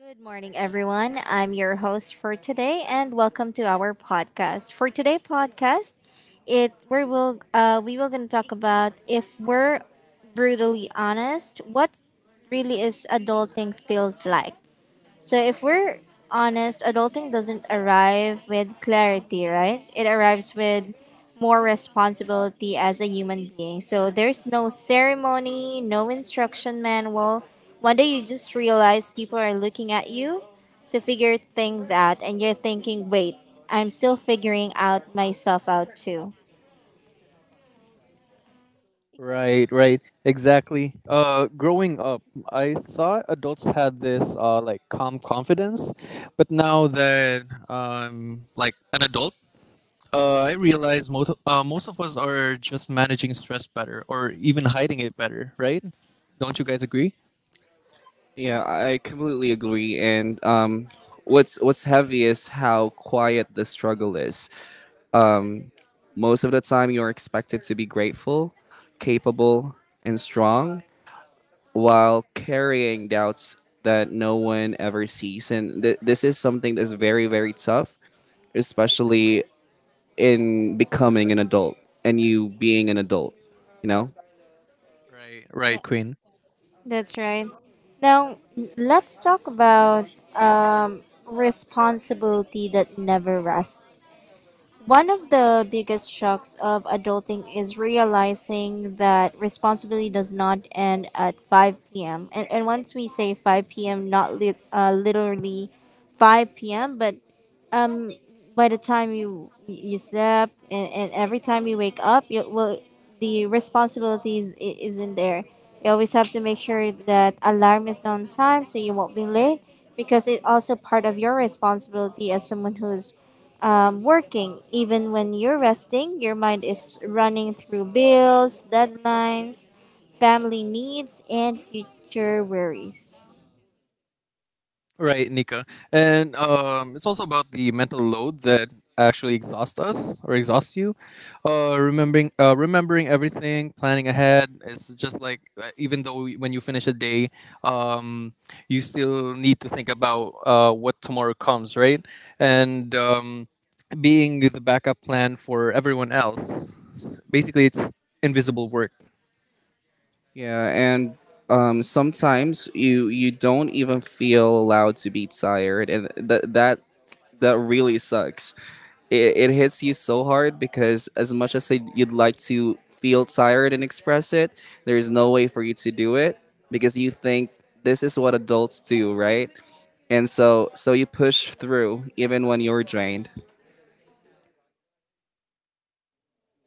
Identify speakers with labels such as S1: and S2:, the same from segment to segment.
S1: Good morning, everyone. I'm your host for today, and welcome to our podcast. For today podcast, it we will gonna talk about if we're brutally honest, what really is adulting feels like. So if we're honest, adulting doesn't arrive with clarity, right? It arrives with more responsibility as a human being. So there's no ceremony, no instruction manual. One day you just realize people are looking at you to figure things out and you're thinking, "Wait, I'm still figuring out myself out too."
S2: Right, right, exactly. Growing up, I thought adults had this like calm confidence, but now that I'm like an adult, I realize most of us are just managing stress better, or even hiding it better, right? Don't you guys agree? Right, right,
S1: Yeah,
S2: Queen.
S1: that's right. Now, let's talk about responsibility that never rests. One of the biggest shocks of adulting is realizing that responsibility does not end at 5 p.m. And once we say 5 p.m., not lit literally 5 p.m., but by the time you slept, and every time you wake up you well the isn't there. You always have to make sure that alarm is on time so you won't be late, because it's also part of your responsibility as someone who's working. Even when you're resting, your mind is running through bills, deadlines, family needs, and future worries.
S2: Right, Nika. And it's also about the mental load that actually exhausts us or exhausts you. Remembering everything, planning ahead. It's just like even though when you finish a day, um, you still need to think about what tomorrow comes, right? And being the backup plan for everyone else. Basically, it's invisible work.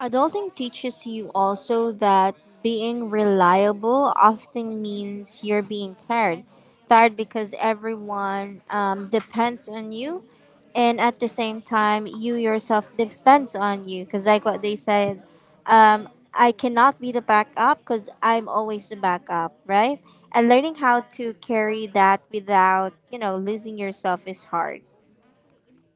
S1: Adulting teaches you also that being reliable often means you're being tired. Tired because everyone depends on you, and at the same time, you yourself depends on you. Because, like what they said, um, I cannot be the backup because I'm always the backup, right? And learning how to carry that without, you know, losing yourself is hard.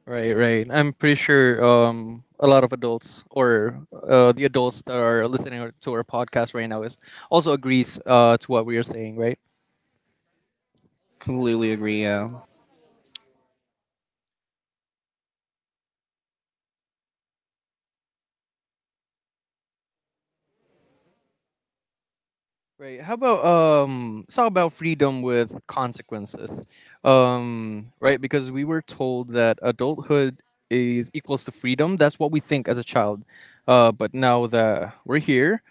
S2: Right, right. I'm pretty sure a lot of adults or the adults that are listening to our podcast right now is also agrees to what we are saying, right? Right. How about it's all about freedom with consequences, right? Because we were told that adulthood is equals to freedom. That's what we think as a child, but now that we're here,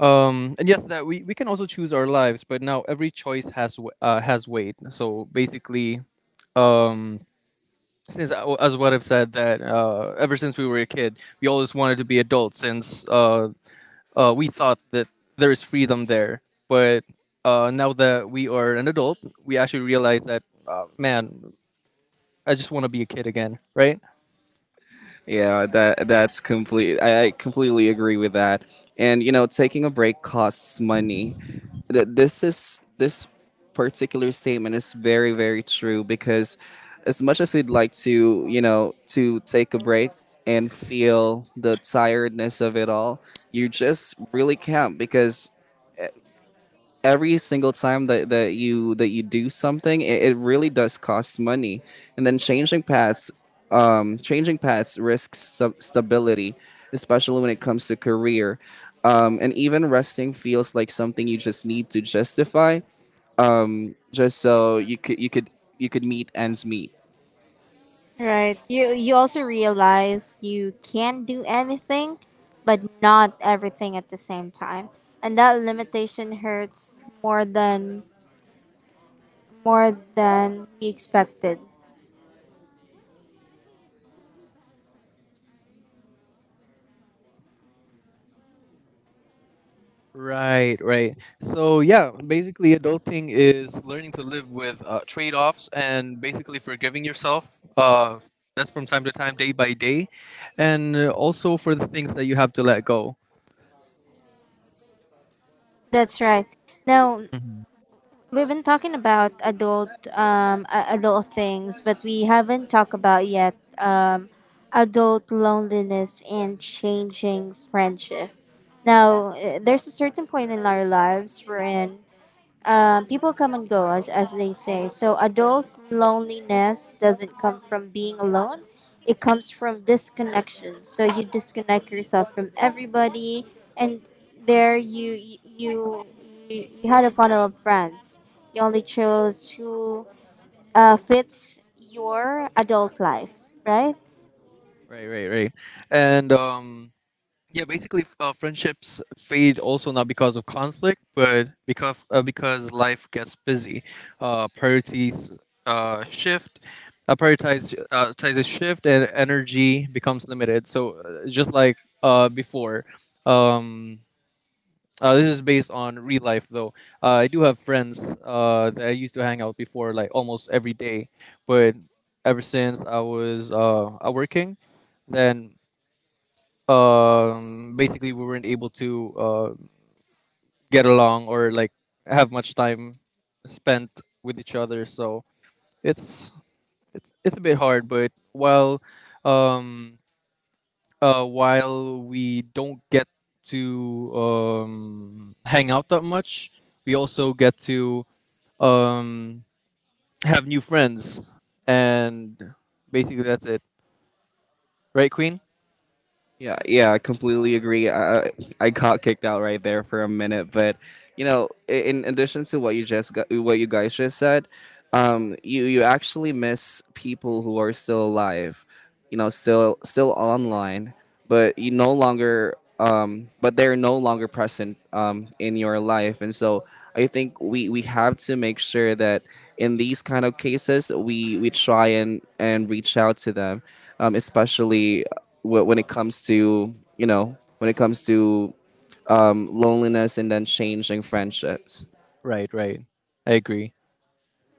S2: and yes, that we can also choose our lives, but now every choice has has weight. So basically. Um, since as what I've said that ever since we were a kid, we always wanted to be adults since we thought that there is freedom there. But now that we are an adult, we actually realize that man, I just want to be a kid again, right?
S1: Right. You also realize you can do anything, but not everything at the same time. And that limitation hurts more than we expected.
S2: Right, right. So yeah, basically, adulting is learning to live with trade-offs and basically forgiving yourself. That's from time to time, day by day, and also for the things that you have to let go.
S1: That's right. Now, we've been talking about adult things, but we haven't talked about yet adult loneliness and changing friendship. Now, there's a certain point in our lives wherein people come and go, as they say. So, adult loneliness doesn't come from being alone, it comes from disconnection. So, you disconnect yourself from everybody, and there you had a funnel of friends. You only chose who fits your adult life, right?
S2: Right, right, right. And yeah, basically, friendships fade also not because of conflict, but because life gets busy, priorities shift, prioritizes shift, and energy becomes limited. So just like before, um, this is based on real life though. I do have friends that I used to hang out before, like almost every day, but ever since I was working, then basically we weren't able to get along or like have much time spent with each other, so it's it's a bit hard, but um while we don't get to hang out that much, we also get to um have new friends, and basically that's it, right, Queen?
S3: Yeah, yeah, I completely agree. I got kicked out right there for a minute, but you know, in addition to what you guys just said, you actually miss people who are still alive, you know, still online, but they're no longer present in your life, and so I think we have to make sure that in these kind of cases we try and reach out to them, especially when it comes to loneliness and then changing friendships.
S2: Right, right, I agree.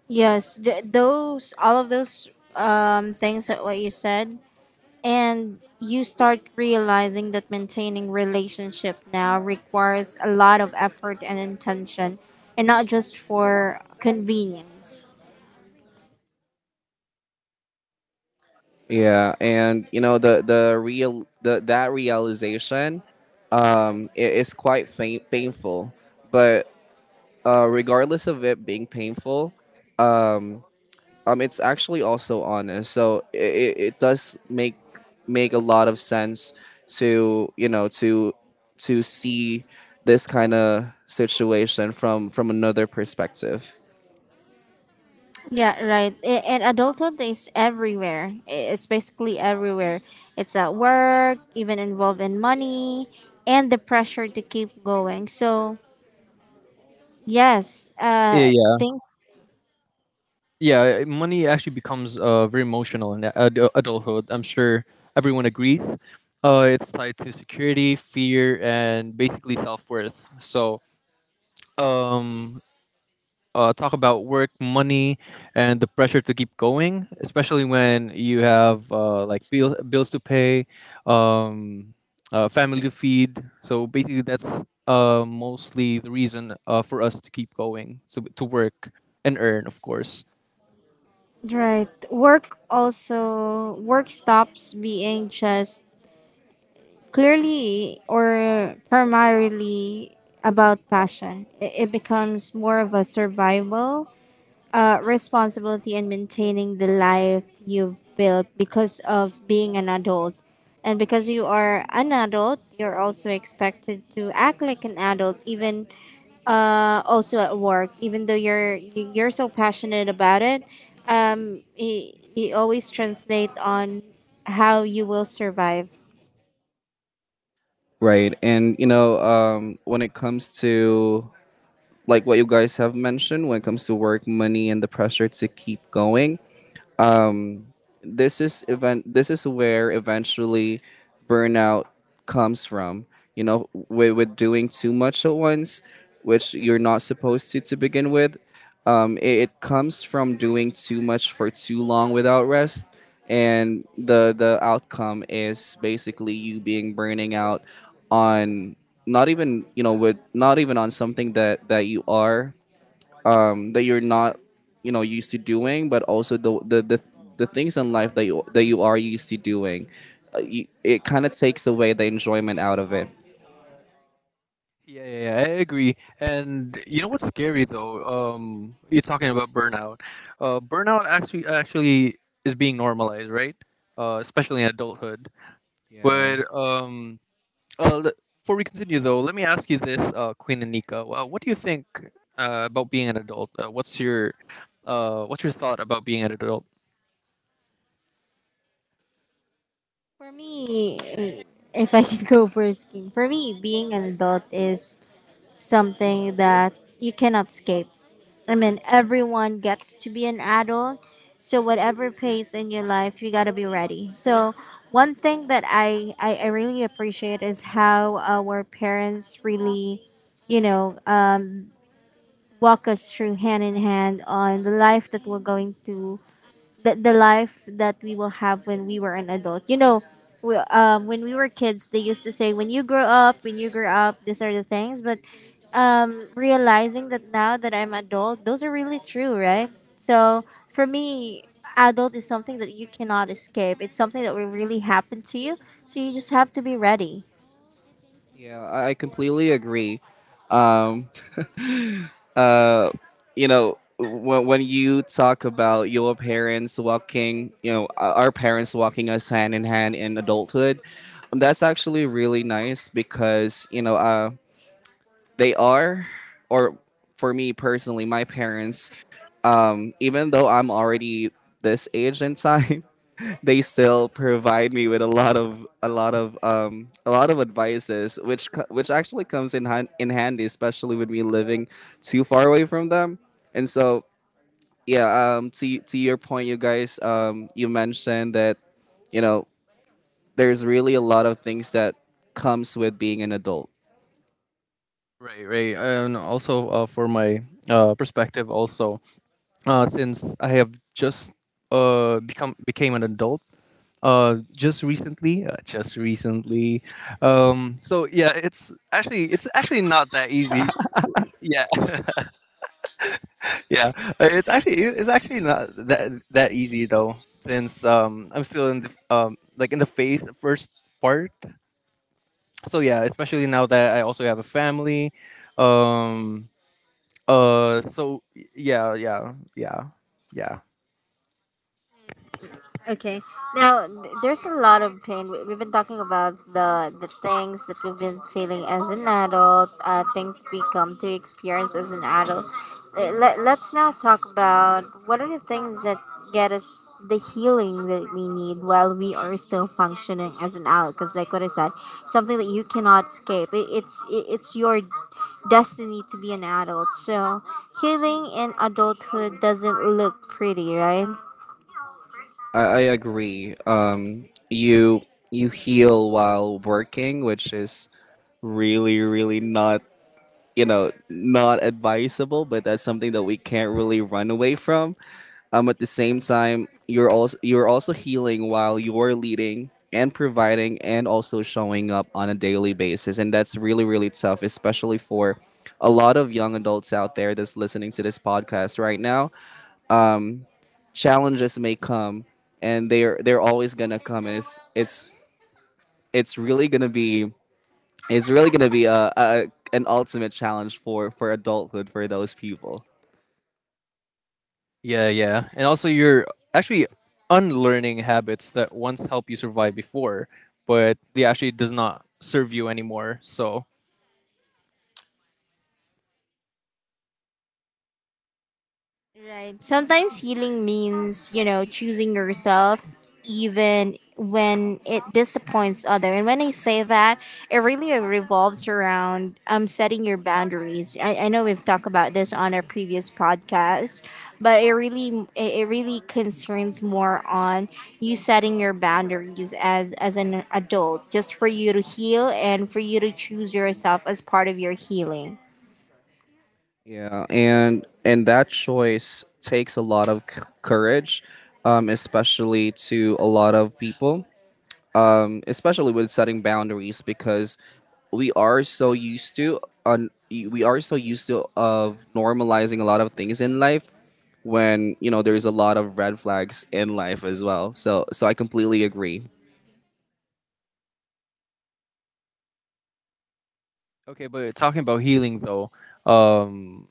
S1: Yes, those, all of those things that what you said. And you start realizing that maintaining relationship now requires a lot of effort and intention and not just for convenience.
S3: Yeah, and you know that realization, it is quite painful, but regardless of it being painful, um, it's actually also honest, so it does make a lot of sense to see this kind of situation from another perspective.
S1: Yeah, right. And adulthood is everywhere. It's basically everywhere. It's at work, even involved in money, and the pressure to keep going. So, yes,
S2: Yeah, yeah.
S1: things,
S2: Yeah, money actually becomes very emotional in adulthood. I'm sure everyone agrees. It's tied to security, fear, and basically self worth. So, um, talk about work, money, and the pressure to keep going, especially when you have like bills to pay, um, family to feed. So basically, that's mostly the reason for us to keep going, so to work and earn, of course.
S1: right. Work also, work stops being just clearly or primarily about passion. It becomes more of a survival responsibility and maintaining the life you've built because of being an adult. And because you are an adult, you're also expected to act like an adult, even also at work. Even though you're so passionate about it, it it always translate on how you will survive.
S3: Right? And you know, when it comes to like what you guys have mentioned, when it comes to work, money, and the pressure to keep going, this is where eventually burnout comes from, you know, with doing too much at once, which you're not supposed to begin with. It comes from doing too much for too long without rest, and the outcome is basically you being burning out on not even you know with not even on something that you are that you're not used to doing, but also the things in life that you are used to doing. It kind of takes away the enjoyment out of it.
S2: Yeah, yeah, yeah, I agree. And you know what's scary though? You're talking about burnout. Burnout actually is being normalized, right? Especially in adulthood.
S3: Yeah,
S2: But before we continue though, let me ask you this, Queen Anika. What do you think about being an adult? What's your thought about being an adult?
S1: For me, if I can go for skiing, for me, being an adult is something that you cannot escape. I mean, everyone gets to be an adult. So whatever pace in your life, you gotta be ready. So one thing that I really appreciate is how our parents really, you know, walk us through hand in hand on the life that we're going to, the life that we will have when we were an adult. You know, when we were kids, they used to say, when you grow up, when you grow up, these are the things. But realizing that now that I'm adult, those are really true, right? So for me, adult is something that you cannot escape. It's something that will really happen to you. So you just have to be ready.
S3: yeah, I completely agree. um uh when you talk about your parents walking you know our parents walking us hand in hand in adulthood, that's actually really nice because you know they are or for me personally, my parents, even though I'm already this age in time, they still provide me with a lot of a lot of a lot of advices, which actually comes in handy, especially with me living too far away from them. And so, yeah, to your point, you guys, you mentioned that you know there's really a lot of things that comes with being an adult.
S2: Right, right. And also for my perspective, also since I have just become became an adult. Just recently, so yeah, it's actually not that easy. Yeah. Yeah. It's actually not that easy though, since I'm still in the like in the phase first part. So yeah, especially now that I also have a family. um so yeah, yeah, yeah, yeah.
S1: Okay. Now, there's a lot of pain. We've been talking about the things that we've been feeling as an adult, things we come to experience as an adult. Let's now talk about what are the things that get us the healing that we need while we are still functioning as an adult. Because, like what I said, something that you cannot escape. It's your destiny to be an adult. So, healing in adulthood doesn't look pretty, right?
S3: I agree. You heal while working, which is really really not you know not advisable, but that's something that we can't really run away from. At the same time, you're also healing while you're leading and providing and also showing up on a daily basis, and that's really really tough, especially for a lot of young adults out there that's listening to this podcast right now. Challenges may come, and they're always gonna come, and it's really gonna be it's really gonna be a an ultimate challenge for adulthood for those people.
S2: Yeah, yeah. And also you're actually unlearning habits that once helped you survive before, but they actually does not serve you anymore. So,
S1: Right. Sometimes healing means, you know, choosing yourself even when it disappoints other. And when I say that, it really revolves around setting your boundaries. I know we've talked about this on our previous podcast, but it really it really concerns more on you setting your boundaries as an adult, just for you to heal and for you to choose yourself as part of your healing.
S3: Yeah, and that choice takes a lot of courage, especially to a lot of people, especially with setting boundaries, because we are so used to we are so used to of normalizing a lot of things in life, when you know there's a lot of red flags in life as well, so I completely agree.
S2: okay, but talking about healing though, um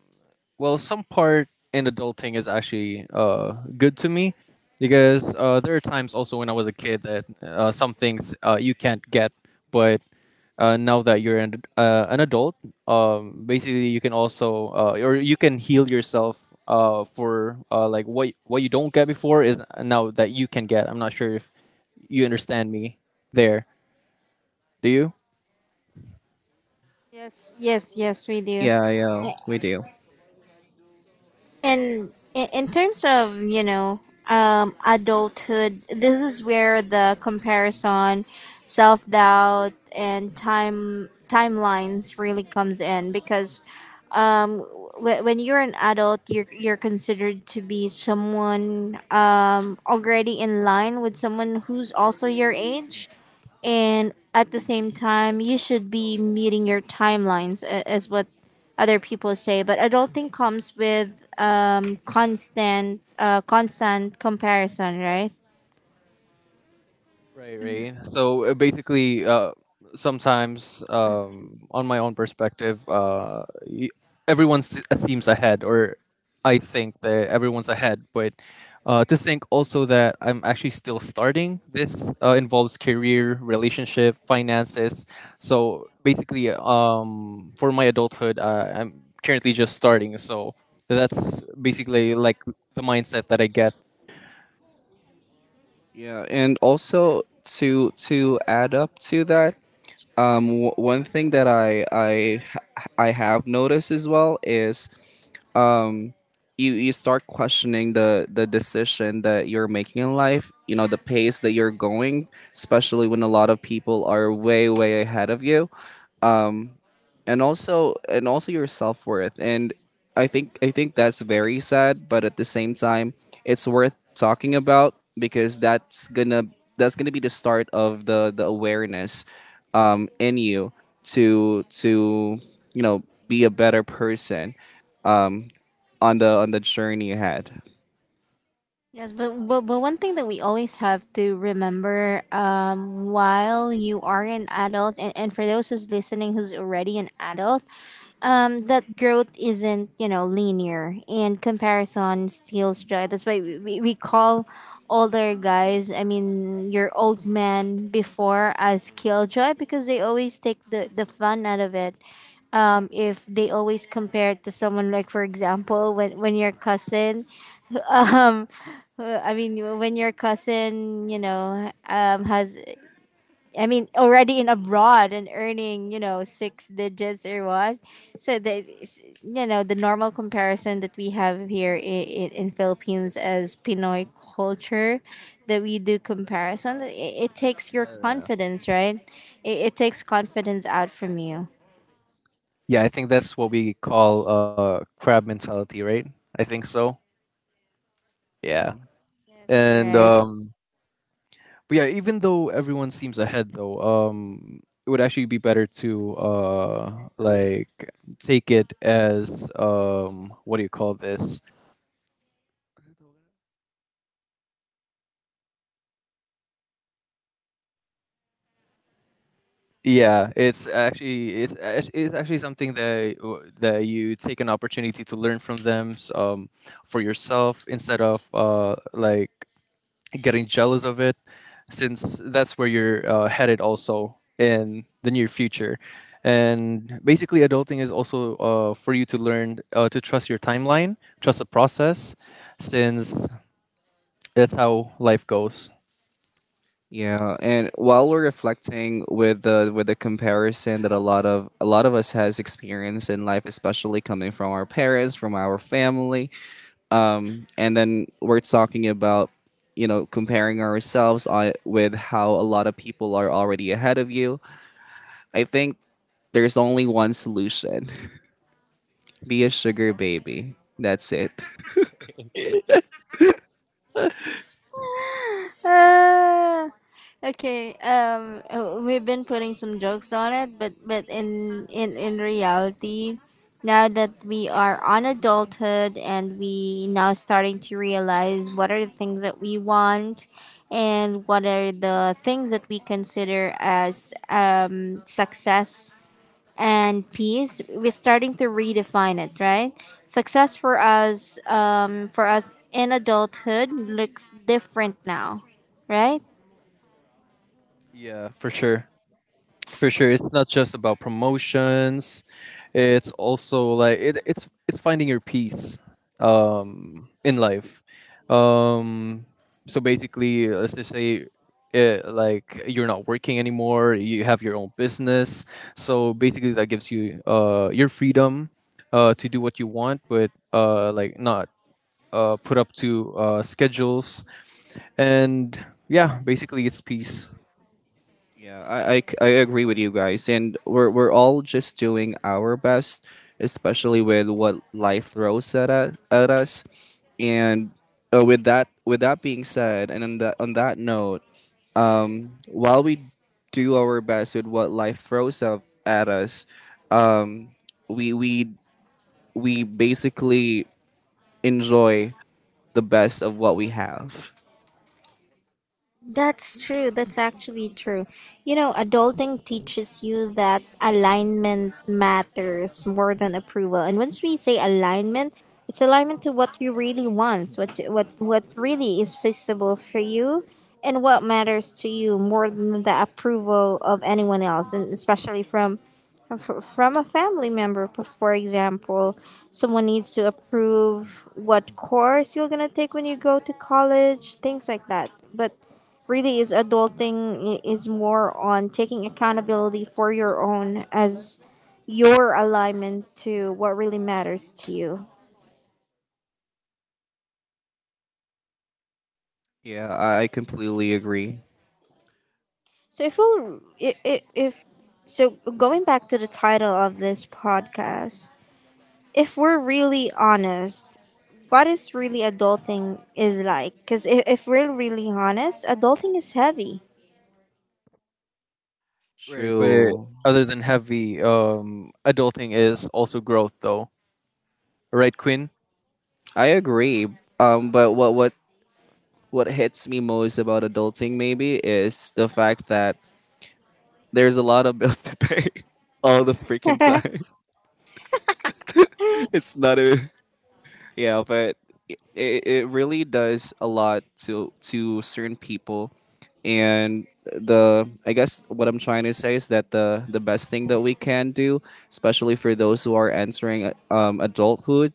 S2: well, some part in adulting is actually good to me, because there are times also when I was a kid that some things you can't get, but now that you're an adult, basically you can also or you can heal yourself for like what you don't get before is now that you can get. I'm not sure if you understand me there. Do you?
S1: Yes, yes, yes, we do.
S3: Yeah, yeah, we do.
S1: And in terms of, you know, adulthood, this is where the comparison, self-doubt, and timelines really comes in. Because um when you're an adult, you're considered to be someone already in line with someone who's also your age, and at the same time you should be meeting your timelines as what other people say. But adulting comes with constant comparison, right?
S2: Right, right. So basically, sometimes on my own perspective, seems ahead, or I think that everyone's ahead. But to think also that I'm actually still starting, this involves career, relationship, finances. So basically, for my adulthood, I'm currently just starting. So that's basically like the mindset that I get.
S3: Yeah, and also to add up to that, one thing that I have noticed as well is, um you start questioning the decision that you're making in life, you know, the pace that you're going, especially when a lot of people are way way ahead of you, and also your self-worth. And I think that's very sad, but at the same time it's worth talking about because that's gonna be the start of the awareness in you, to be a better person on the journey ahead.
S1: Yes, but, but one thing that we always have to remember, while you are an adult, and for those who's listening who's already an adult, that growth isn't, you know, linear and comparison steals joy. That's why we call older guys, I mean, your old man before as killjoy, because they always take the fun out of it. If they always compare it to someone like, for example, when your cousin um when your cousin, you know, has, I mean, already in abroad and earning, you know, six digits or what. So that you know, the normal comparison that we have here in Philippines as Pinoy culture, that we do comparison. It takes your confidence, right? it takes confidence out from you.
S2: Yeah, I think that's what we call crab mentality, right? I think so.
S3: Yeah.
S2: Yeah.
S1: Yes, you're
S2: And
S1: right.
S2: But yeah, even though everyone seems ahead though, it would actually be better to like take it as what do you call this? Yeah, it's actually something that that you take an opportunity to learn from them for yourself instead of like getting jealous of it, since that's where you're headed also in the near future. And basically adulting is also for you to learn to trust your timeline, trust the process, since that's how life goes.
S3: Yeah, and while we're reflecting with the comparison that a lot of us has experienced in life, especially coming from our parents, from our family, and then we're talking about comparing ourselves, with how a lot of people are already ahead of you. I think there's only one solution: be a sugar baby. That's it.
S1: Ah, okay. We've been putting some jokes on it, but in reality, now that we are on adulthood and we now starting to realize what are the things that we want, and what are the things that we consider as success and peace, we're starting to redefine it, right? Success for us, for us in adulthood, looks different now, right?
S2: Yeah, for sure. For sure, it's not just about promotions. It's also like it, it's finding your peace in life. Um so basically, let's just say like you're not working anymore, you have your own business. So basically that gives you your freedom to do what you want, but like not put up to schedules, and yeah, basically it's peace.
S3: Yeah, I agree with you guys, and we're all just doing our best, especially with what life throws at us. And with that being said, and on that note, while we do our best with what life throws up at us, um, we we we basically enjoy the best of what we have.
S1: That's true. That's actually true. You know, adulting teaches you that alignment matters more than approval. And once we say alignment, it's alignment to what you really want, what what really is feasible for you, and what matters to you more than the approval of anyone else, and especially from from a family member. For example, someone needs to approve what course you're gonna take when you go to college, things like that. But really is adulting is more on taking accountability for your own as your alignment to what really matters to you.
S3: Yeah, I completely agree.
S1: So if we, will I- if so going back to the title of this podcast, if we're really honest, what is really adulting is like, because if we're really honest, adulting is heavy.
S2: Right, but
S3: True.
S2: other than heavy, adulting is also growth, though. Right, Quinn?
S3: I agree. But what hits me most about adulting maybe is the fact that there's a lot of bills to pay all the freaking time. It's not a Yeah, but it really does a lot to certain people, and the I guess what I'm trying to say is that the best thing that we can do, especially for those who are entering adulthood,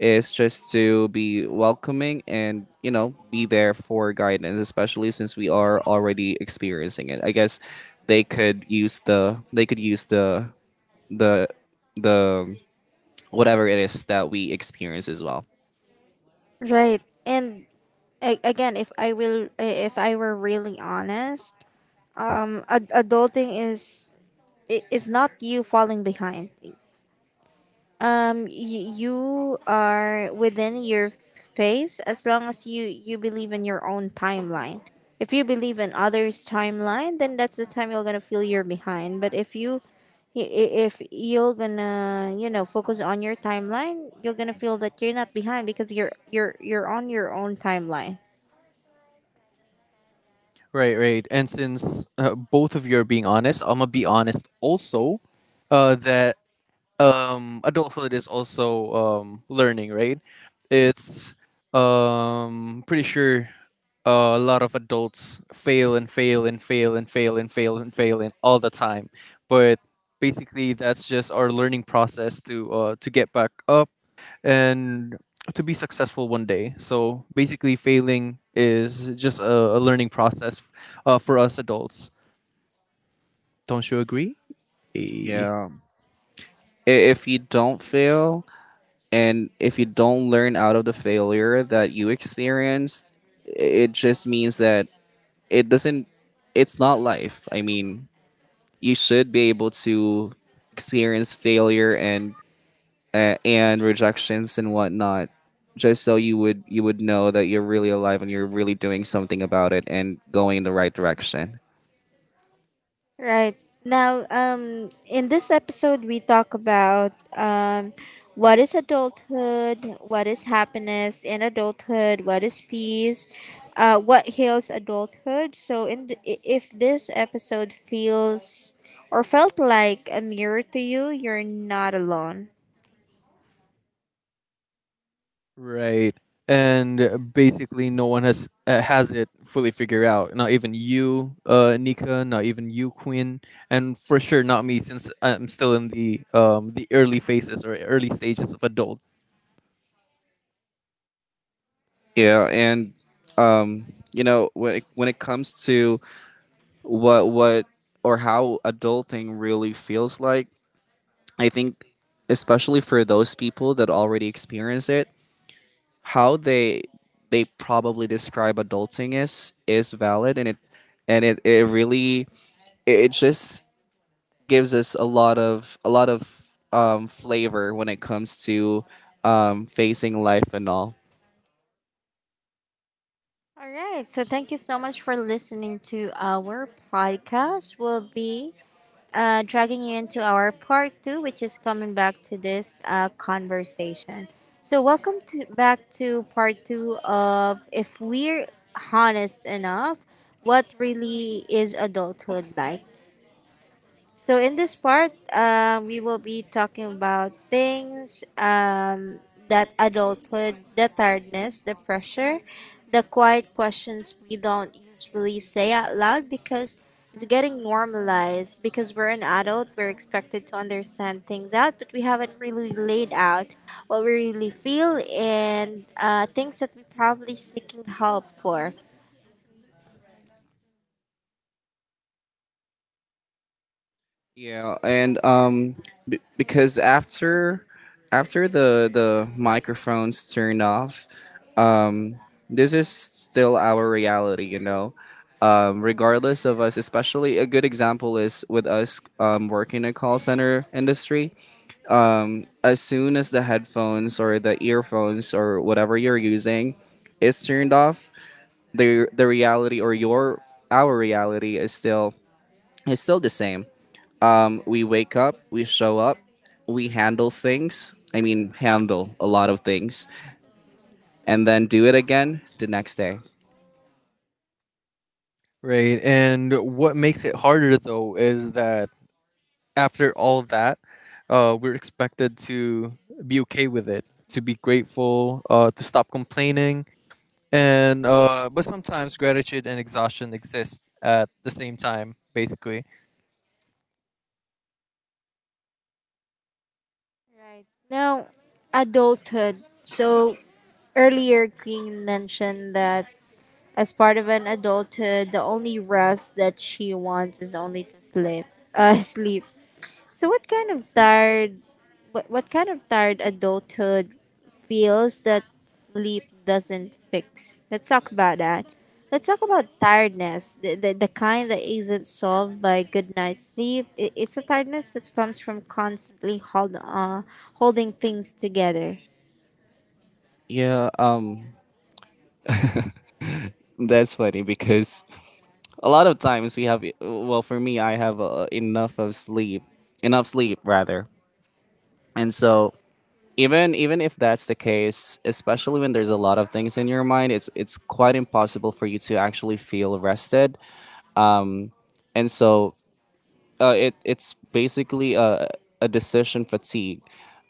S3: is just to be welcoming and be there for guidance, especially since we are already experiencing it. I guess they could use the the whatever it is that we experience as well.
S1: Right. And again, if I will, if I were really honest, adulting is is not you falling behind. You are within your phase as long as you you believe in your own timeline. If you believe in others timeline, then that's the time you're gonna feel you're behind. But if you, if you're gonna, you know, focus on your timeline, you're gonna feel that you're not behind, because you're you're on your own timeline.
S2: Right, right. And since both of you are being honest, I'm gonna be honest also that adulthood is also learning, right? It's pretty sure a lot of adults fail and fail and fail and fail and fail and fail and all the time. But basically, that's just our learning process to get back up and to be successful one day. So basically, failing is just a learning process for us adults. Don't you agree?
S3: Yeah. If you don't fail and if you don't learn out of the failure that you experienced, it just means that it doesn't, it's not life. I mean, you should be able to experience failure and rejections and whatnot, just so you would know that you're really alive and you're really doing something about it and going in the right direction.
S1: Right. Now, in this episode, we talk about what is adulthood, what is happiness in adulthood, what is peace, what heals adulthood. So, in the, if this episode feels or felt like a mirror to you, you're not alone.
S2: Right. And basically, no one has it fully figured out. Not even you, Nika. Not even you, Quinn. And for sure, not me, since I'm still in the early phases or early stages of adult.
S3: Yeah, and you know, when it comes to what or how adulting really feels like. I think especially for those people that already experience it, how they probably describe adulting is valid, and it really it just gives us a lot of flavor when it comes to facing life and all.
S1: All right. So, thank you so much for listening to our podcast. We'll be dragging you into our part two, which is coming back to this conversation. So, welcome to back to part two of if we're honest enough, what really is adulthood like? So in this part, we will be talking about things, that adulthood, the tiredness, the pressure, the quiet questions we don't usually say out loud because it's getting normalized. Because we're an adult, we're expected to understand things out, but we haven't really laid out what we really feel and things that we're probably seeking help for.
S3: Yeah, and because after the microphones turned off, um, this is still our reality, you know. Regardless of us, especially a good example is with us working in a call center industry. As soon as the headphones or the earphones or whatever you're using is turned off, the reality or your our reality is still the same. We wake up, we show up, we handle things. I mean, handle a lot of things, and then do it again the next day.
S2: Right. And what makes it harder though is that after all of that, we're expected to be okay with it, to be grateful, to stop complaining, and but sometimes gratitude and exhaustion exist at the same time, basically.
S1: Right. Now, adulthood. So, earlier, Queen mentioned that as part of an adulthood, the only rest that she wants is only to sleep. Sleep. So, what kind of tired, what kind of tired adulthood feels that sleep doesn't fix? Let's talk about that. Let's talk about tiredness, the kind that isn't solved by good night's sleep. It's a tiredness that comes from constantly holding things together.
S3: Yeah, that's funny because a lot of times we have, well, for me, I have enough sleep rather, and so even if that's the case, especially when there's a lot of things in your mind, it's quite impossible for you to actually feel rested, and so it's basically a decision fatigue,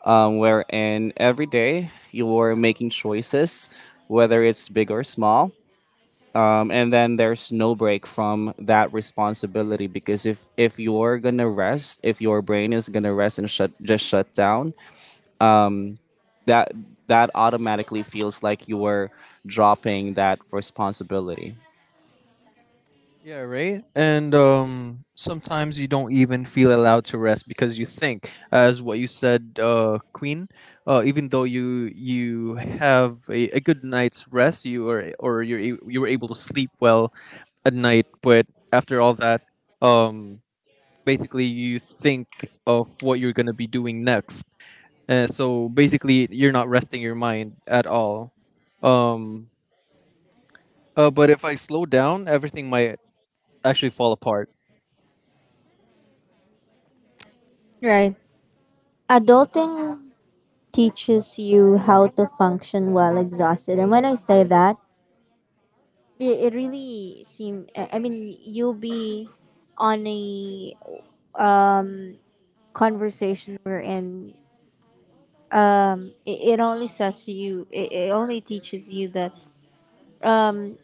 S3: wherein every day you're making choices, whether it's big or small, and then there's no break from that responsibility because if you're gonna rest, if your brain is gonna rest and shut just shut down, that that automatically feels like you're dropping that responsibility.
S2: Yeah, right. And sometimes you don't even feel allowed to rest because you think, as what you said, Queen. Even though you have a good night's rest, you are or you're you were able to sleep well at night, but after all that, um, basically you think of what you're gonna be doing next. And so basically, you're not resting your mind at all. Um, but if I slow down, everything might actually fall apart.
S1: Right. Adulting teaches you how to function while exhausted. And when I say that, it really seem. I mean, you'll be on a um, conversation wherein it only says to you, it only teaches you that um,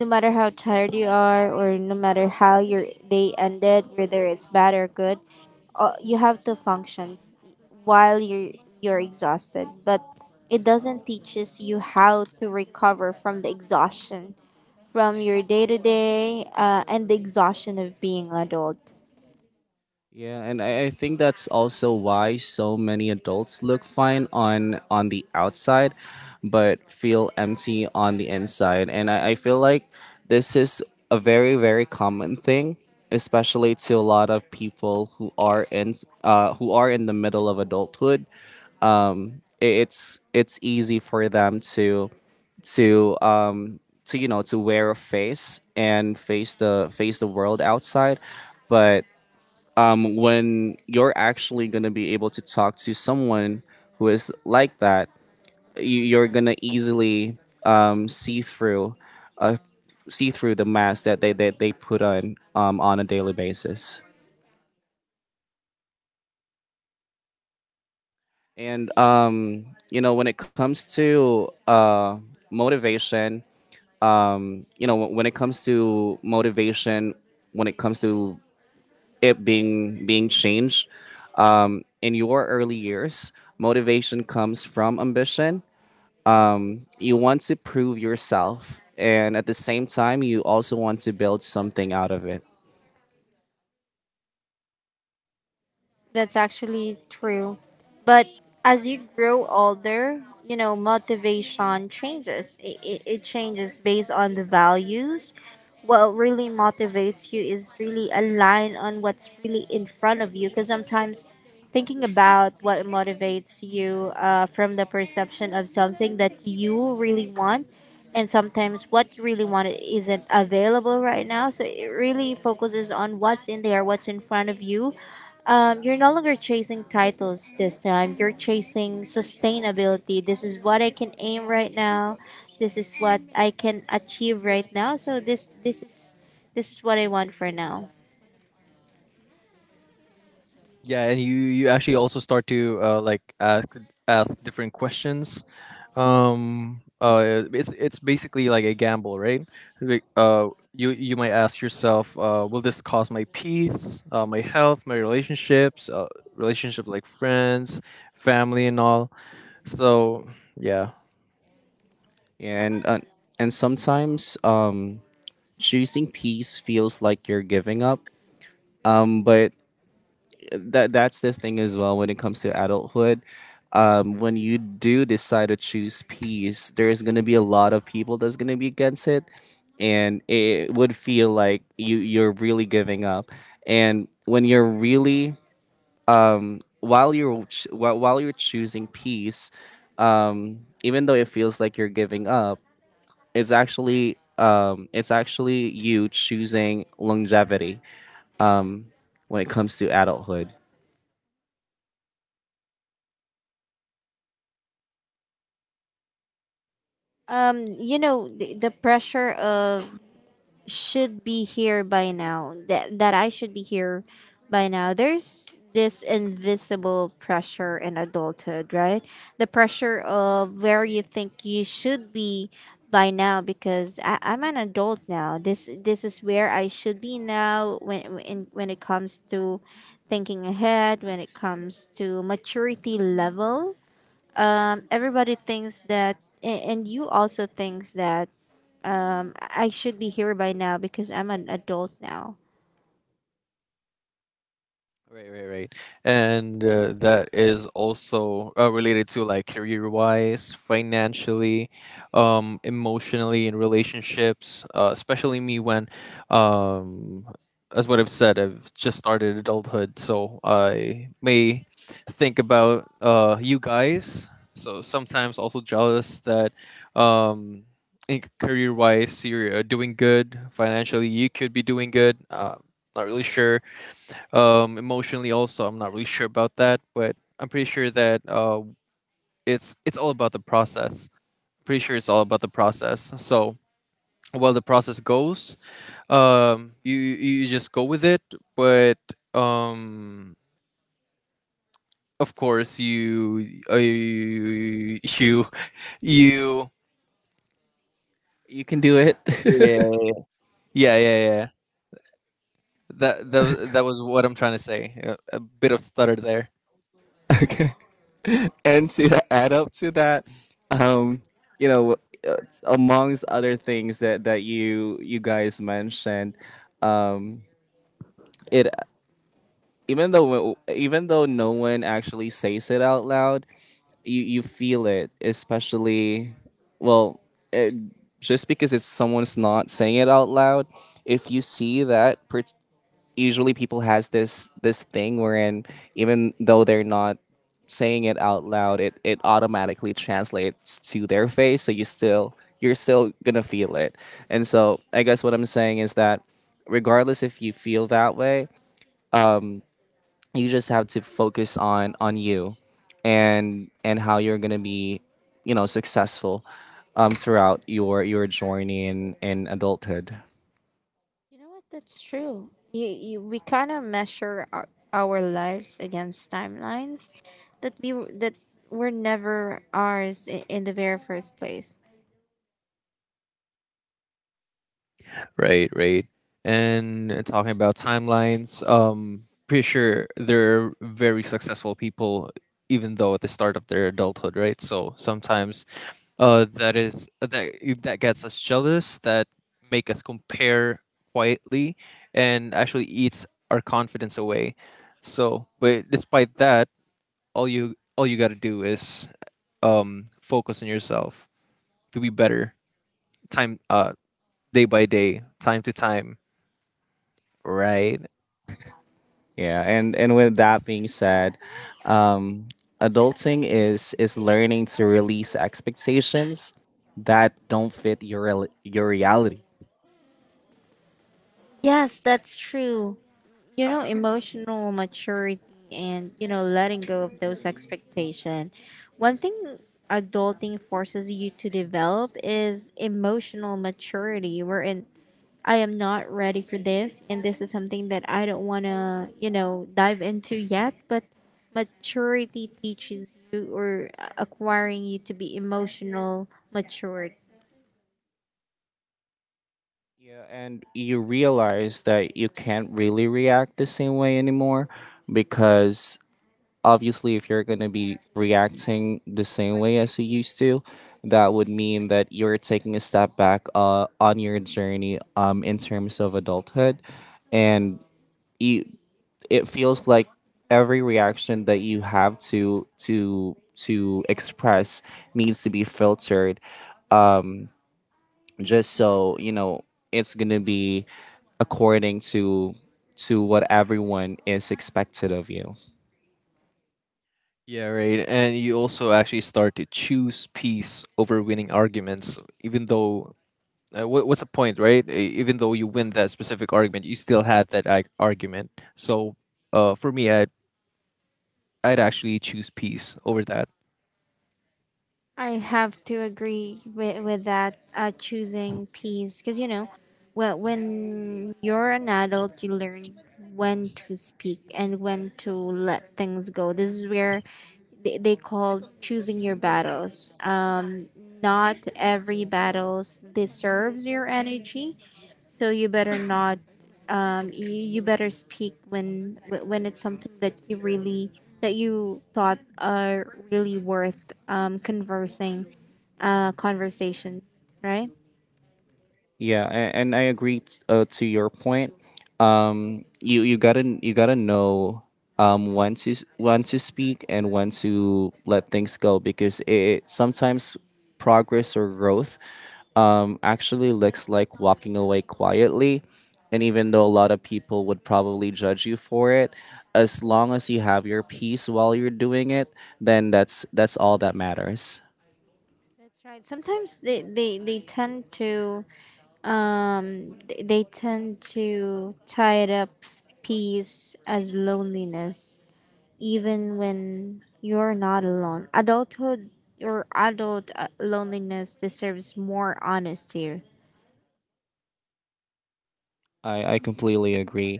S1: no matter how tired you are or no matter how your day ended, whether it's bad or good, you have to function while you're exhausted, but it doesn't teaches you how to recover from the exhaustion from your day to day and the exhaustion of being adult.
S3: Yeah, and I think that's also why so many adults look fine on the outside, but feel empty on the inside. And I feel like this is a very very common thing, especially to a lot of people who are in the middle of adulthood. It's easy for them to um to you know to wear a face and face the world outside, but when you're actually going to be able to talk to someone who is like that, you're going to easily um, see through, uh, see through the mask that they put on a daily basis. And when it comes to motivation, um, you know, when it comes to motivation, when it comes to it being changed in your early years, motivation comes from ambition. You want to prove yourself, and at the same time you also want to build something out of it.
S1: That's actually true. But as you grow older, you know, motivation changes. It changes based on the values. What really motivates you is really aligned on what's really in front of you. Because sometimes thinking about what motivates you from the perception of something that you really want, and sometimes what you really want isn't available right now, so it really focuses on what's in there, what's in front of you. You're no longer chasing titles this time. You're chasing sustainability. This is what I can aim right now. This is what I can achieve right now. So this is what I want for now.
S2: Yeah, and you actually also start to like ask different questions. It's basically like a gamble, right? Like, you you might ask yourself, will this cost my peace, my health, my relationships, relationship like friends, family, and all. So yeah.
S3: And sometimes choosing peace feels like you're giving up, but that's the thing as well when it comes to adulthood. When you do decide to choose peace, there's gonna be a lot of people that's gonna be against it, and it would feel like you're really giving up. And when you're really while you're choosing peace, even though it feels like you're giving up, it's actually you choosing longevity um, when it comes to adulthood.
S1: You know, the pressure of should be here by now, that I should be here by now, there's this invisible pressure in adulthood, right? The pressure of where you think you should be by now, because I'm an adult now. This is where I should be now, when when it comes to thinking ahead, when it comes to maturity level, everybody thinks that and you also thinks that I should be here by now because I'm an adult now.
S2: Right, right, right. And that is also related to like career wise, financially, emotionally, in relationships, especially me when, um, as what I've said, I've just started adulthood. So I may think about you guys. So sometimes also jealous that um, in career wise, you're doing good. Financially, you could be doing good. Not really sure emotionally, also, I'm not really sure about that, but I'm pretty sure that it's all about the process. Pretty sure it's all about the process. So while the process goes, um, you you you just go with it, but um, of course, you you-
S3: You can do it.
S2: yeah, yeah, yeah, yeah. That that was what I'm trying to say. A bit of stutter there.
S3: Okay. And to add up to that, um, you know, uh, amongst other things that you guys mentioned, um, it even though no one actually says it out loud, you feel it, especially well, it, just because it's someone's not saying it out loud. If you see that per- usually people has this thing wherein even though they're not saying it out loud, it automatically translates to their face. So you're still gonna feel it. And so I guess what I'm saying is that regardless if you feel that way, um, you just have to focus on you and how you're gonna be, you know, successful throughout your journey in adulthood.
S1: You know what? That's true. You, we kind of measure our lives against timelines that were never ours in the very first place.
S2: Right, right. And talking about timelines, pretty sure they're very successful people, even though at the start of their adulthood, right? So sometimes, that is that that gets us jealous, that make us compare quietly, and actually eats our confidence away. So, but despite that, all you gotta do is focus on yourself to be better, time day by day, time to time, right?
S3: Yeah, and with that being said, um, adulting is learning to release expectations that don't fit your reality.
S1: Yes, that's true. You know, emotional maturity, and you know, letting go of those expectations. One thing adulting forces you to develop is emotional maturity, wherein I am not ready for this, and this is something that I don't want to, you know, dive into yet. But maturity teaches you, or acquiring you to be emotional matured.
S3: Yeah, and you realize that you can't really react the same way anymore because obviously if you're going to be reacting the same way as you used to, that would mean that you're taking a step back on your journey in terms of adulthood and you it feels like every reaction that you have to express needs to be filtered just so you know it's gonna be according to what everyone is expected of you.
S2: Yeah, right. And you also actually start to choose peace over winning arguments, even though what's the point, right? Even though you win that specific argument, you still had that argument. So, for me, I'd actually choose peace over that.
S1: I have to agree with that choosing peace, because you know, well, when you're an adult, you learn when to speak and when to let things go. This is where they call choosing your battles. Not every battles deserves your energy, so you better not. You, you better speak when when it's something that you really, that you thought are really worth conversing, conversation, right?
S3: Yeah, and I agree to your point. You gotta know when to when to speak and when to let things go because it sometimes progress or growth actually looks like walking away quietly, and even though a lot of people would probably judge you for it, as long as you have your peace while you're doing it, then that's all that matters.
S1: That's right. Sometimes they tend to they tend to tie it up peace as loneliness even when you're not alone. Adulthood or adult loneliness deserves more honesty.
S3: I completely agree.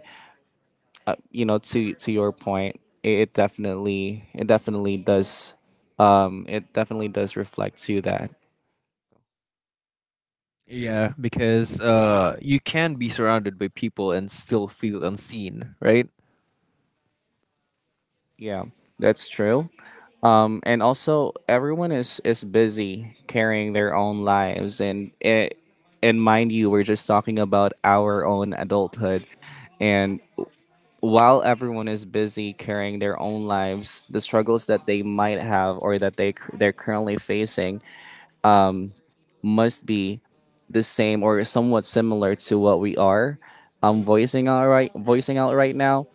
S3: Uh, you know, to your point, it definitely does reflect to that.
S2: Yeah, because you can be surrounded by people and still feel unseen, right?
S3: Yeah, that's true. Um, and also everyone is busy carrying their own lives, and it and mind you, we're just talking about our own adulthood, and while everyone is busy carrying their own lives, the struggles that they might have or that they they're currently facing must be the same or somewhat similar to what we are voicing out right now.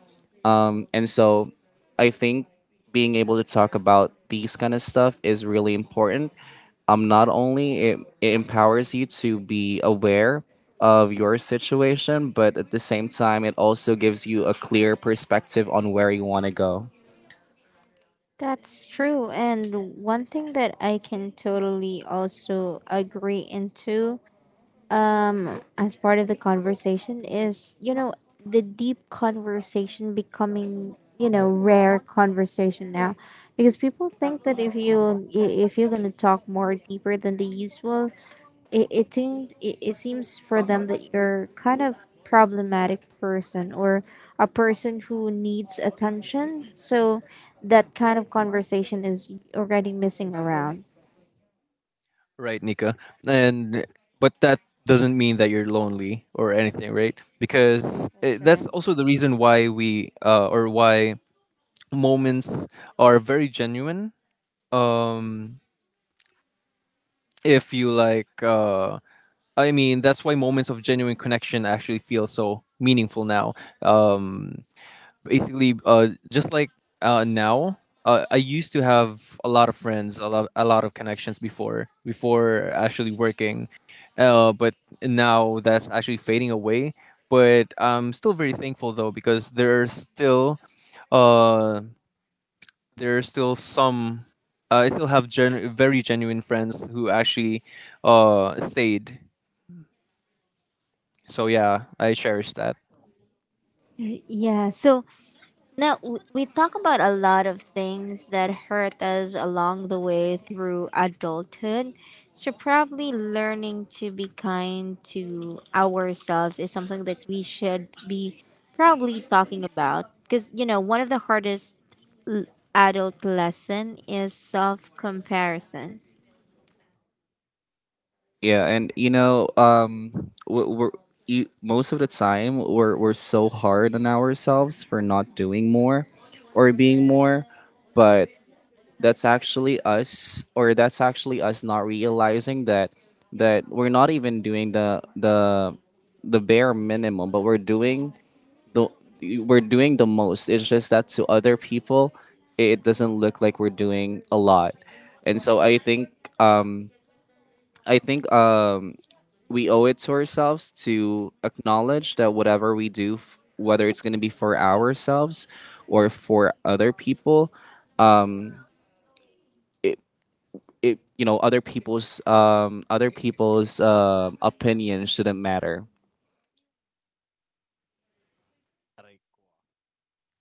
S3: And so I think being able to talk about these kind of stuff is really important. Um, not only it empowers you to be aware of your situation, but at the same time it also gives you a clear perspective on where you want to go.
S1: That's true. And one thing that I can totally also agree into as part of the conversation is, you know, the deep conversation becoming, you know, rare conversation now, because people think that if you if you're gonna talk more deeper than the usual, it seems for them that you're kind of problematic person, or a person who needs attention, so that kind of conversation is already missing around.
S2: Right, Nika. And but that doesn't mean that you're lonely or anything, right? Because
S1: That's
S2: that's
S1: right.
S2: also the reason why we or why moments are very genuine. Um, if you like, I mean, That's why moments of genuine connection actually feel so meaningful now. Um, just like now, I used to have a lot of friends, a lot of connections before actually working, but now that's actually fading away. But I'm still very thankful though because uh, there are still some I still have very genuine friends who actually stayed. So yeah, I cherish that.
S1: Yeah, so now, we talk about a lot of things that hurt us along the way through adulthood. So, probably learning to be kind to ourselves is something that we should be probably talking about. Because, you know, one of the hardest l- adult lesson is self comparison.
S3: Yeah, and you know, most of the time we're so hard on ourselves for not doing more or being more, but that's actually us not realizing that we're not even doing the bare minimum, but the we're doing the most. It's just that to other people, it doesn't look like we're doing a lot, and so um, I think we owe it to ourselves to acknowledge that whatever we do, whether it's going to be for ourselves or for other people, it, it, you know, other people's opinions shouldn't matter.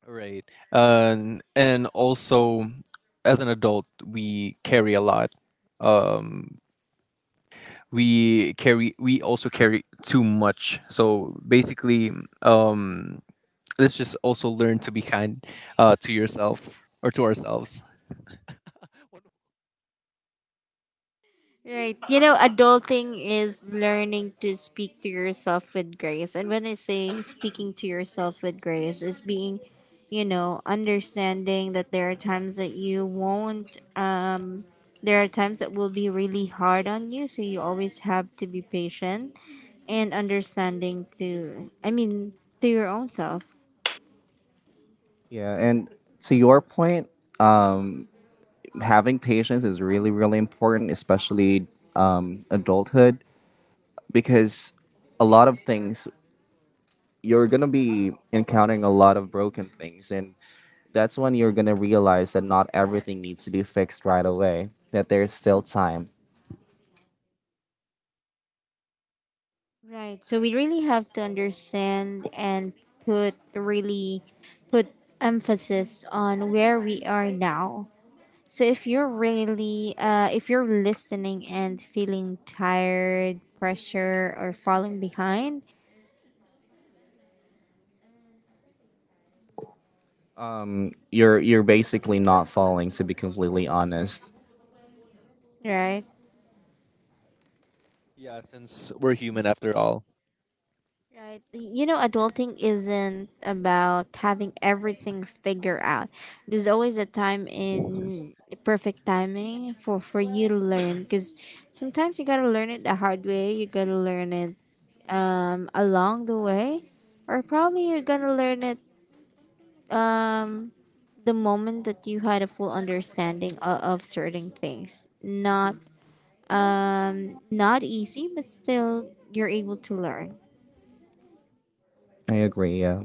S2: Right. And also as an adult we carry a lot. Um we also carry too much. So basically um let's just also learn to be kind to yourself or to ourselves.
S1: Right. You know, adulting is learning to speak to yourself with grace. And when I say speaking to yourself with grace, is being, you know, understanding that there are times that you won't, there are times that will be really hard on you. So you always have to be patient and understanding to, I mean, to your own self.
S3: Yeah, and to your point, um, having patience is really really important, especially adulthood, because a lot of things you're gonna be encountering a lot of broken things, and that's when you're gonna realize that not everything needs to be fixed right away. That there's still time.
S1: Right. So we really have to understand and put really put emphasis on where we are now. So if you're really if you're listening and feeling tired, pressure or falling behind,
S3: You're basically not falling. To be completely honest,
S1: right?
S2: Yeah, since we're human after all.
S1: Right. You know, adulting isn't about having everything figured out. There's always a time in perfect timing for you to learn, because sometimes you got to learn it the hard way. You got to learn it along the way, or probably you're going to learn it the moment that you had a full understanding of certain things. Not not easy, but still you're able to learn.
S3: I agree. Yeah.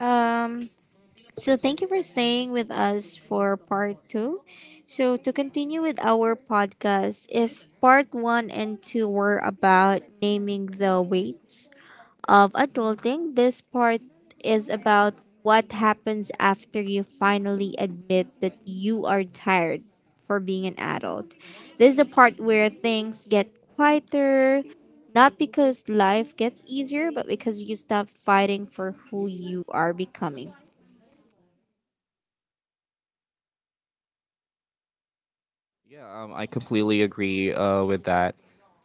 S1: Um, so, thank you for staying with us for part two. So, to continue with our podcast, if part one and two were about naming the weights of adulting, this part is about what happens after you finally admit that you are tired for being an adult. This is the part where things get quieter, not because life gets easier, but because you stop fighting for who you are becoming.
S3: Yeah, I completely agree with that,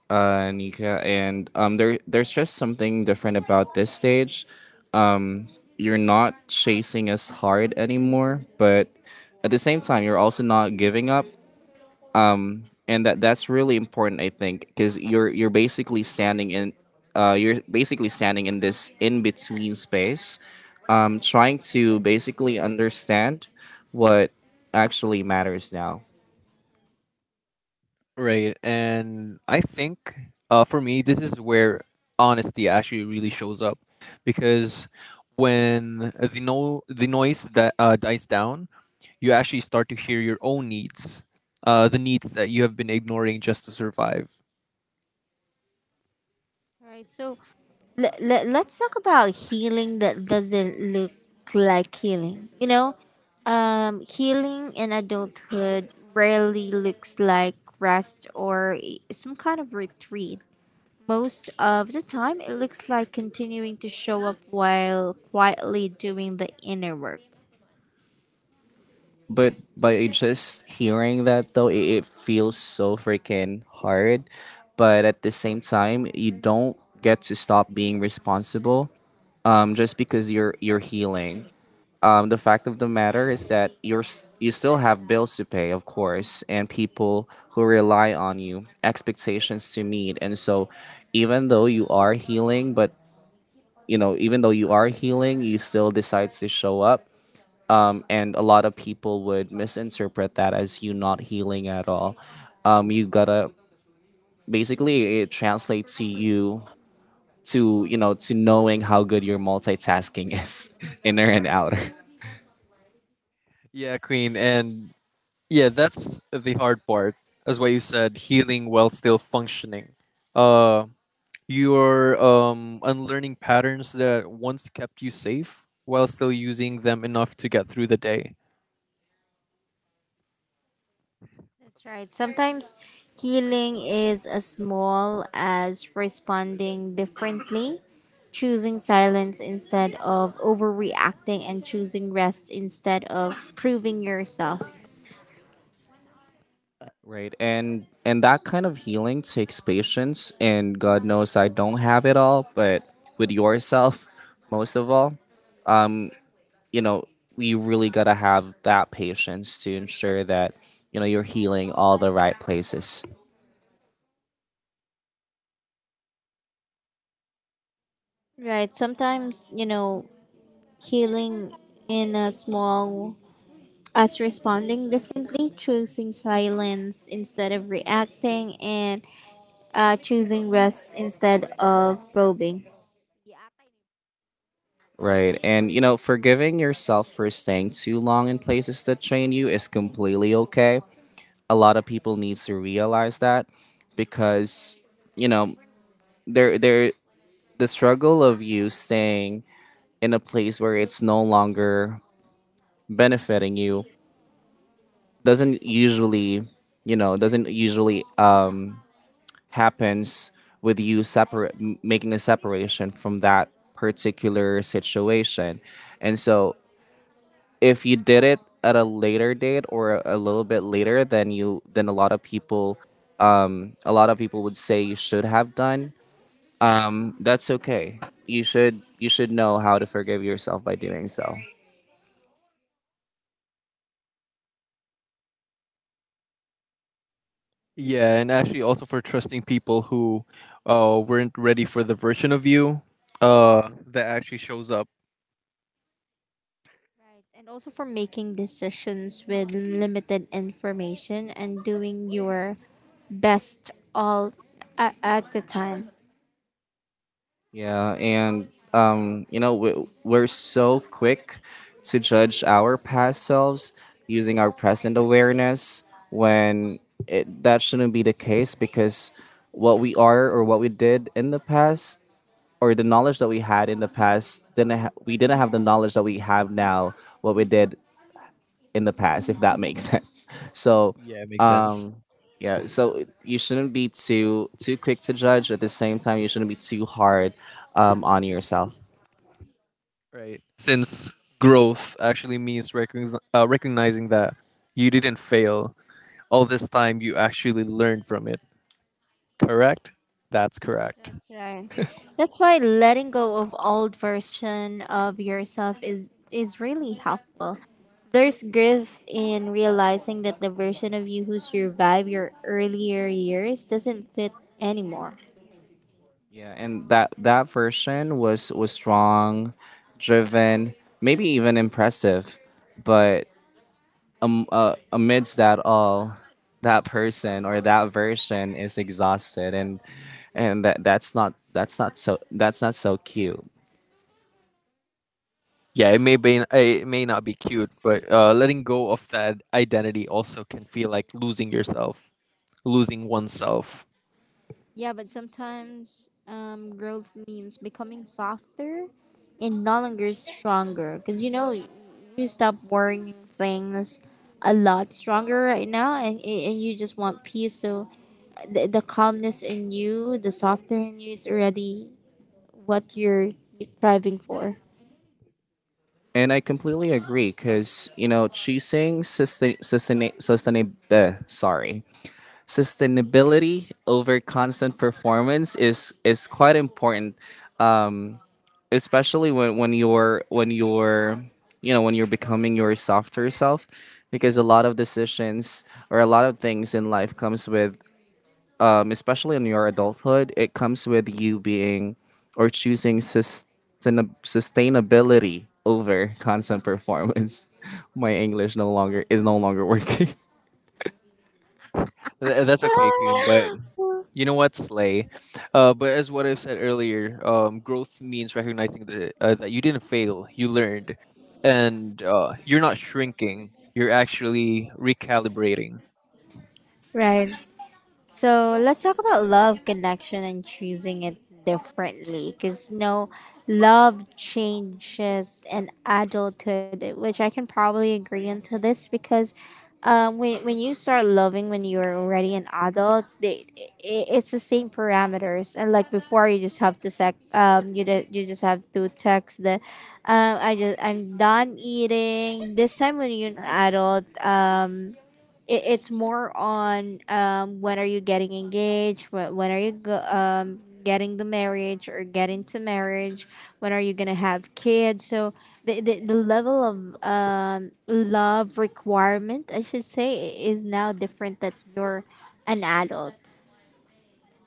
S3: Nika. And there's just something different about this stage. You're not chasing as hard anymore, but at the same time, you're also not giving up. And that's really important, I think, because you're basically standing in this in between space, trying to basically understand what actually matters now.
S2: Right. And I think for me, this is where honesty actually really shows up because when the, no- the noise that dies down, you actually start to hear your own needs, the needs that you have been ignoring just to survive.
S1: All right, so let's talk about healing that doesn't look like healing. You know, healing in adulthood rarely looks like rest or some kind of retreat. Most of the time, it looks like continuing to show up while quietly doing the inner work.
S3: But by just hearing that though, it feels so freaking hard, but at the same time you don't get to stop being responsible just because you're healing. The fact of the matter is that you still have bills to pay, of course, and people who rely on you, expectations to meet, and so even though you are healing, but you know, even though you are healing, you still decide to show up, and a lot of people would misinterpret that as you not healing at all. You gotta basically, it translates to you know, to knowing how good your multitasking is, inner and outer.
S2: Yeah, Queen. And yeah, that's the hard part. That's why you said healing while still functioning. Uh, You're unlearning patterns that once kept you safe while still using them enough to get through the day.
S1: That's right. Sometimes healing is as small as responding differently, choosing silence instead of overreacting, and choosing rest instead of proving yourself.
S3: Right. And that kind of healing takes patience, and God knows I don't have it all, but with yourself most of all, you know, you really got to have that patience to ensure that, you know, you're healing all the right places.
S1: Right. Sometimes, you know, healing in a small as responding differently, choosing silence instead of reacting, and choosing rest instead of probing.
S3: Right. And you know, forgiving yourself for staying too long in places that train you is completely okay. A lot of people need to realize that because, you know, there the struggle of you staying in a place where it's no longer benefiting you doesn't usually doesn't usually um happens with you separate, making a separation from that particular situation, and so if you did it at a later date or a little bit later than you than a lot of people, a lot of people would say you should have done, that's okay, you should know how to forgive yourself by doing so.
S2: Yeah, and actually also for trusting people who weren't ready for the version of you that actually shows up.
S1: Right, and also for making decisions with limited information and doing your best all at the time.
S3: Yeah, and you know, we're so quick to judge our past selves using our present awareness when that shouldn't be the case because what we are or what we did in the past or the knowledge that we had in the past didn't ha- we didn't have the knowledge that we have now what we did in the past, if that makes sense. So,
S2: Yeah, it makes sense.
S3: yeah, so you shouldn't be too quick to judge, at the same time you shouldn't be too hard on yourself.
S2: Right. Since growth actually means recognizing that you didn't fail. All this time you actually learned from it. Correct? That's correct.
S1: That's right. That's why letting go of old version of yourself is really helpful. There's grief in realizing that the version of you who survived your earlier years doesn't fit anymore.
S3: Yeah, and that version was strong, driven, maybe even impressive, but amidst that all, that person or that version is exhausted, and that that's not so cute.
S2: Yeah, it may be it may not be cute, but letting go of that identity also can feel like losing yourself, losing oneself.
S1: Yeah, but sometimes growth means becoming softer and no longer stronger. Because you know, you stop worrying things a lot stronger right now, and you just want peace. So the calmness in you, the softer in you is already what you're striving for.
S3: And I completely agree because you know, choosing sustainability over constant performance is quite important, especially when you're you know when you're becoming your softer self, because a lot of decisions or a lot of things in life comes with especially in your adulthood, it comes with you being or choosing sustainability over constant performance. my english no longer is no longer working.
S2: That's okay, Queen. But you know what, Slay? But as what I've said earlier, growth means recognizing that that you didn't fail, you learned, and you're not shrinking. You're actually recalibrating.
S1: Right. So let's talk about love, connection, and choosing it differently. Because no, love changes in adulthood, which I can probably agree into this because when you start loving when you're already an adult, they, it, it's the same parameters. And like before, you just have to sec, you, you just have to text the, I just I'm done eating. This time when you're an adult, it, it's more on when are you getting engaged, when are you go, getting the marriage or getting to marriage, when are you gonna have kids? So the level of love requirement I should say is now different that you're an adult,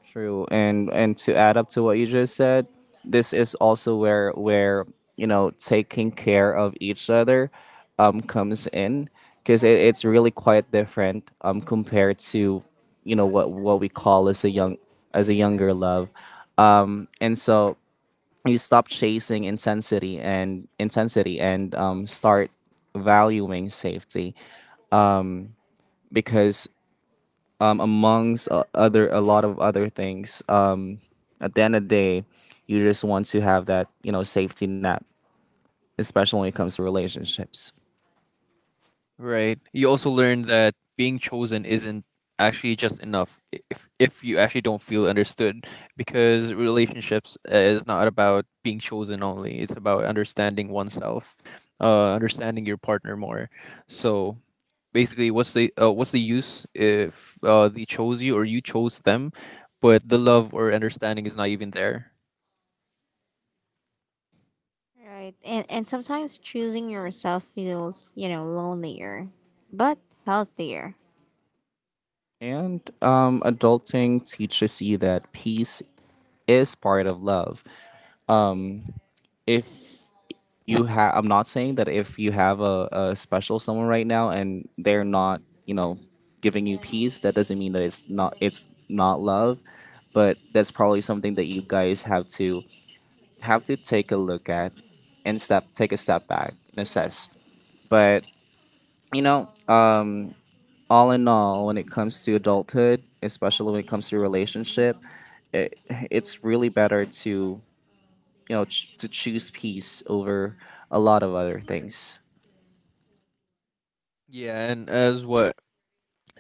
S3: True, and to add up to what you just said, this is also where you know taking care of each other comes in, because it's really quite different compared to you know what we call as a young as a younger love, um, and so you stop chasing intensity and start valuing safety because amongst other a lot of other things. At the end of the day, you just want to have that, you know, safety net, especially when it comes to relationships.
S2: Right. You also learn that being chosen isn't actually just enough if you actually don't feel understood because relationships is not about being chosen only. It's about understanding oneself, understanding your partner more. So basically what's the use if they chose you or you chose them but the love or understanding is not even there.
S1: right? And sometimes choosing yourself feels, you know, lonelier but healthier.
S3: And adulting teaches you that peace is part of love. Um, if you have, I'm not saying that if you have a special someone right now and they're not, you know, giving you peace, that doesn't mean that it's not love. But that's probably something that you guys have to take a look at and step take a step back and assess. But you know, all in all, when it comes to adulthood, especially when it comes to relationship, it, it's really better to you know to choose peace over a lot of other things.
S2: Yeah, and as what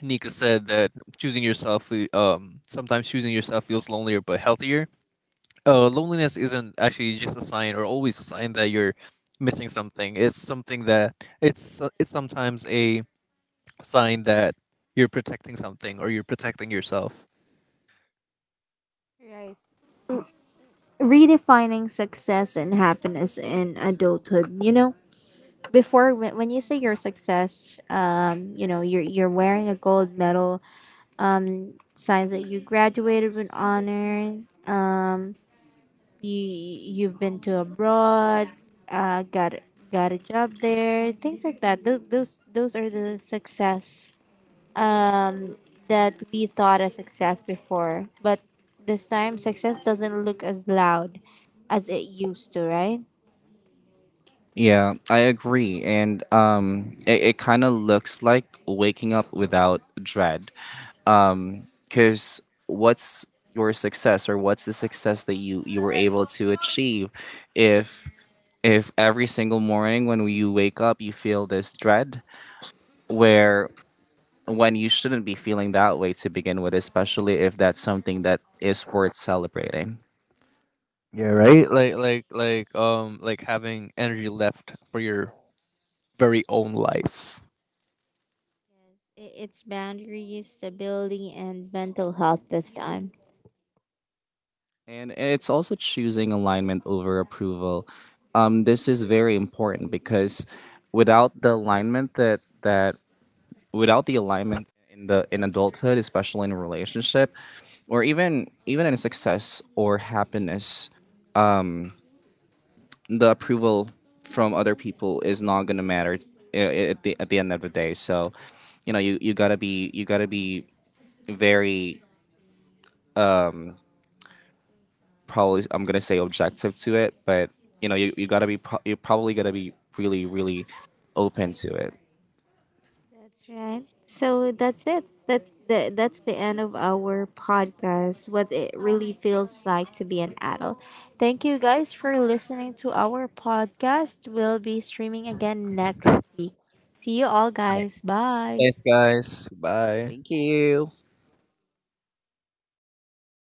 S2: Nika said that choosing yourself sometimes choosing yourself feels lonelier but healthier, loneliness isn't actually just a sign or always a sign that you're missing something. It's something that it's sometimes a sign that you're protecting something or you're protecting yourself.
S1: Right, redefining success and happiness in adulthood. You know, before, when you say your success, you know, you're wearing a gold medal, signs that you graduated with honor. Um, you you've been to abroad, uh, got got a job there, things like that. Those are the success um that we thought as success before, but this time success doesn't look as loud as it used to, right?
S3: Yeah, I agree. And it kind of looks like waking up without dread. Because what's your success, or what's the success that you were able to achieve, if every single morning when you wake up you feel this dread where when you shouldn't be feeling that way to begin with, especially if that's something that is worth celebrating.
S2: Yeah, right? Like having energy left for your very own life.
S1: I- It's boundaries, stability, and mental health this time.
S3: And it's also choosing alignment over approval. This is very important because without the alignment that that without the alignment in the in adulthood, especially in a relationship, or even in success or happiness, the approval from other people is not going to matter uh, at the end of the day. So, you know, you gotta be very probably I'm gonna say objective to it, but you know you, you gotta be you're probably gonna be really open to it.
S1: That's right. So that's it. That's the end of our podcast. What it really feels like to be an adult. Thank you guys for listening to our podcast. We'll be streaming again next week. See you all guys. Bye.
S2: Thanks guys. Bye.
S3: Thank you.